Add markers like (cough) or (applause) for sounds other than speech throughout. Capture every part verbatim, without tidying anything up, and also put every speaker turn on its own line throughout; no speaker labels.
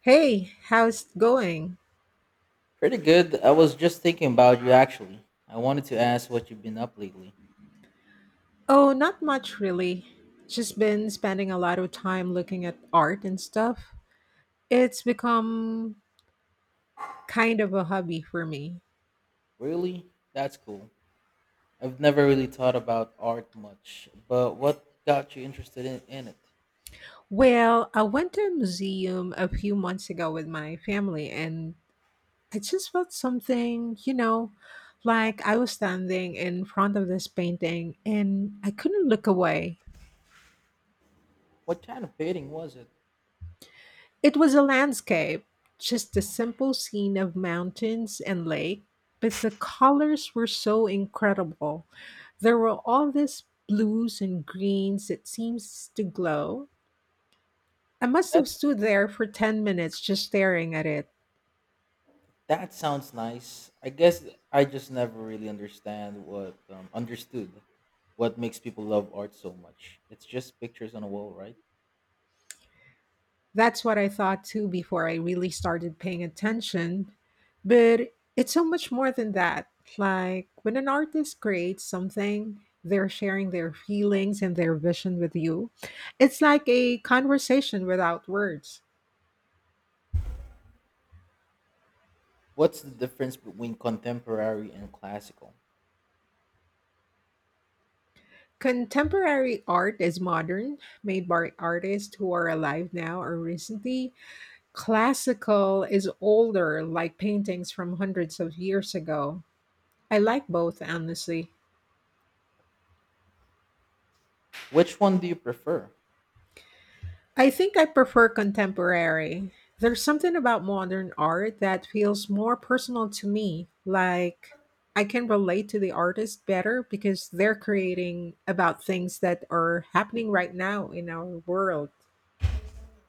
Hey, how's it going?
Pretty good. I was just thinking about you actually. I wanted to ask what you've been up lately.
Oh, not much really. Just been spending a lot of time looking at art and stuff. It's become kind of a hobby for me.
Really? That's cool. I've never really thought about art much, but what got you interested in, in it?
Well, I went to a museum a few months ago with my family and I just felt something, you know, like I was standing in front of this painting and I couldn't look away.
What kind of painting was it?
It was a landscape, just a simple scene of mountains and lake, but the colors were so incredible. There were all these blues and greens that seems to glow. I must
That
have stood there for ten minutes just staring at it.
that sounds nice. I guess I just never really understand what um, understood what makes people love art so much. It's just pictures on a wall, right?
That's what I thought too before I really started paying attention. But it's so much more than that. Like when an artist creates something, they're sharing their feelings and their vision with you. It's like a conversation without words.
What's the difference between contemporary and classical?
Contemporary art is modern, made by artists who are alive now or recently. Classical is older, like paintings from hundreds of years ago. I like both, honestly.
Which one do you prefer?
I think I prefer contemporary. There's something about modern art that feels more personal to me, like I can relate to the artist better because they're creating about things that are happening right now in our world.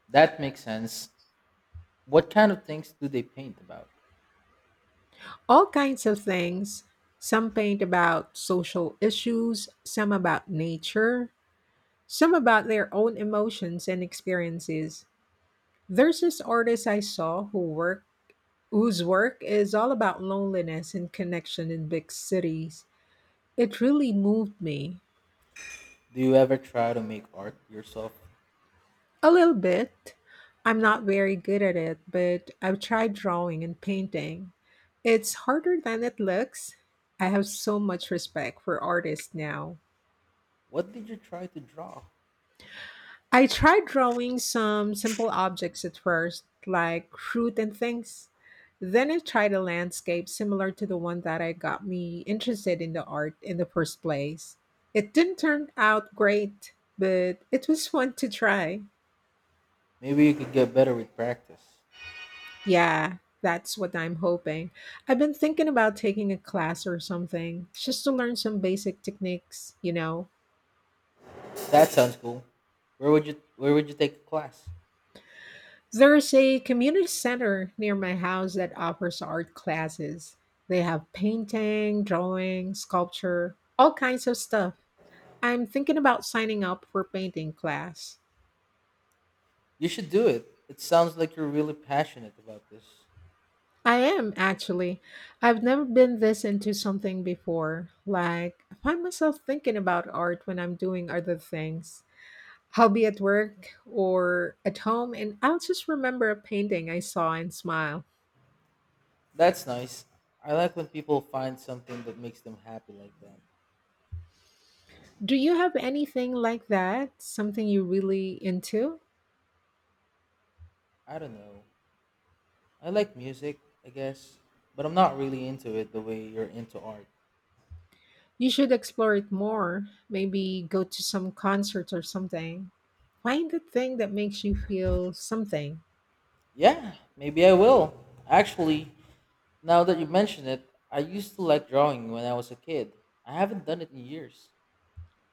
That makes sense. What kind of things do they paint about?
All kinds of things. Some paint about social issues, some about nature, some about their own emotions and experiences. There's this artist I saw who worked Wu's work is all about loneliness and connection in big cities. It really moved me.
Do you ever try to make art yourself?
A little bit. I'm not very good at it, but I've tried drawing and painting. It's harder than it looks. I have so much respect for artists now.
What did you try to draw?
I tried drawing some simple objects at first, like fruit and things. Then I tried a landscape similar to the one that I got me interested in the art in the first place. It didn't turn out great, but it was fun to try.
Maybe you could get better with practice.
Yeah, that's what I'm hoping. I've been thinking about taking a class or something just to learn some basic techniques, you know.
That sounds cool. Where would you where would you take a class?
There's a community center near my house that offers art classes. They have painting, drawing, sculpture, all kinds of stuff. I'm thinking about signing up for painting class.
You should do it. It sounds like you're really passionate about this.
I am actually. I've never been this into something before. Like, I find myself thinking about art when I'm doing other things. I'll be at work or at home, and I'll just remember a painting I saw and smile.
That's nice. I like when people find something that makes them happy like that.
Do you have anything like that? Something you really into?
I don't know. I like music, I guess, but I'm not really into it the way you're into art.
You should explore it more. Maybe go to some concert or something. Find the thing that makes you feel something.
Yeah, maybe I will. Actually, now that you mention it, I used to like drawing when I was a kid. I haven't done it in years.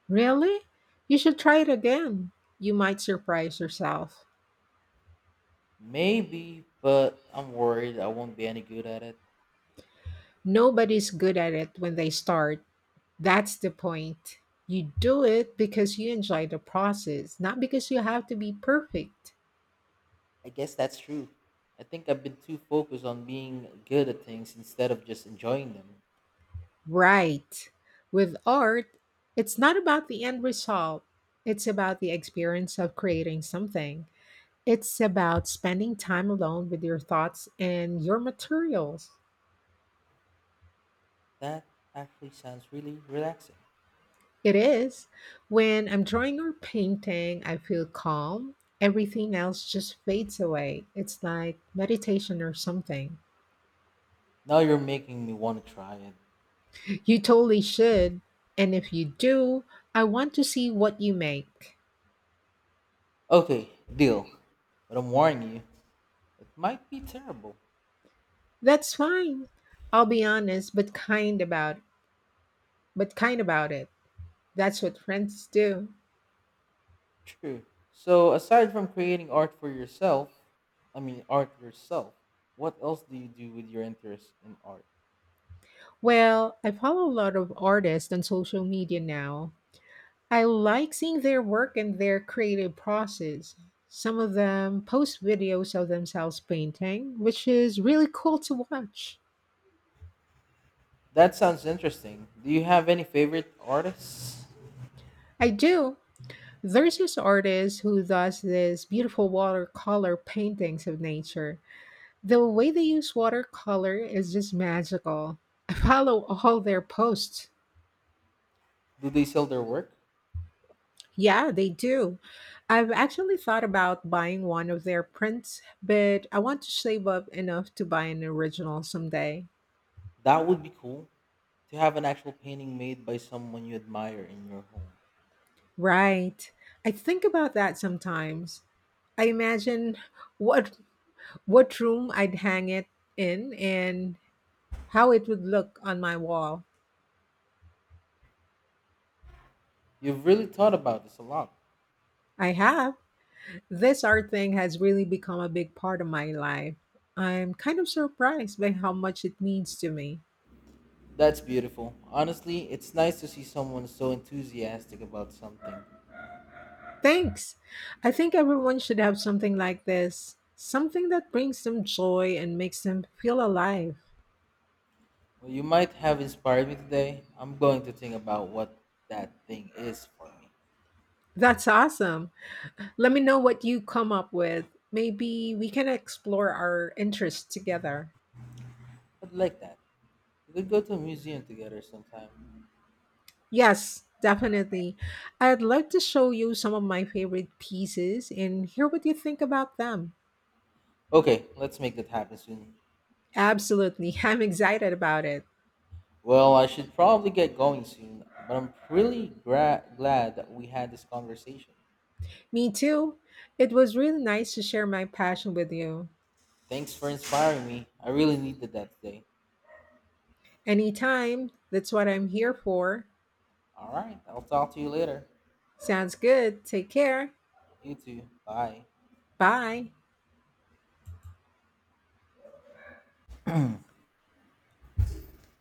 Really? You should try it again. You might surprise yourself.
Maybe, but I'm worried I won't be any good at it.
Nobody's good at it when they start. That's the point. You do it because you enjoy the process, not because you have to be perfect.
I guess that's true. I think I've been too focused on being good at things instead of just enjoying them.
Right. With art, it's not about the end result, it's about the experience of creating something. It's about spending time alone with your thoughts and your materials.
That actually sounds really relaxing.
It is. When I'm drawing or painting, I feel calm. Everything else just fades away. It's like meditation or something.
Now you're making me want to try it.
You totally should. And if you do, I want to see what you make.
Okay, deal. But I'm warning you, it might be terrible.
That's fine. I'll be honest, but kind about it. but kind about it. That's what friends do.
True. So aside from creating art for yourself, I mean art yourself, what else do you do with your interest in art?
Well, I follow a lot of artists on social media now. I like seeing their work and their creative process. Some of them post videos of themselves painting, which is really cool to watch.
That sounds interesting. Do you have any favorite artists?
I do. There's this artist who does this beautiful watercolor paintings of nature. The way they use watercolor is just magical. I follow all their posts.
Do they sell their work?
Yeah, they do. I've actually thought about buying one of their prints, but I want to save up enough to buy an original someday.
That would be cool to have an actual painting made by someone you admire in your home.
Right. I think about that sometimes. I imagine what what room I'd hang it in and how it would look on my wall.
You've really thought about this a lot.
I have. This art thing has really become a big part of my life. I'm kind of surprised by how much it means to me.
That's beautiful. Honestly, it's nice to see someone so enthusiastic about something.
Thanks. I think everyone should have something like this, something that brings them joy and makes them feel alive.
Well, you might have inspired me today. I'm going to think about what that thing is for me.
That's awesome. Let me know what you come up with. Maybe we can explore our interests together.
I'd like that. We could go to a museum together sometime.
Yes, definitely. I'd love to show you some of my favorite pieces and hear what you think about them.
Okay, let's make that happen soon.
Absolutely. (laughs) I'm excited about it.
Well, I should probably get going soon, but I'm really gra- glad that we had this conversation.
Me too. It was really nice to share my passion with you.
Thanks for inspiring me. I really needed that today.
Anytime. That's what I'm here for.
All right, I'll talk to you later.
Sounds good. Take care.
You too. Bye.
Bye.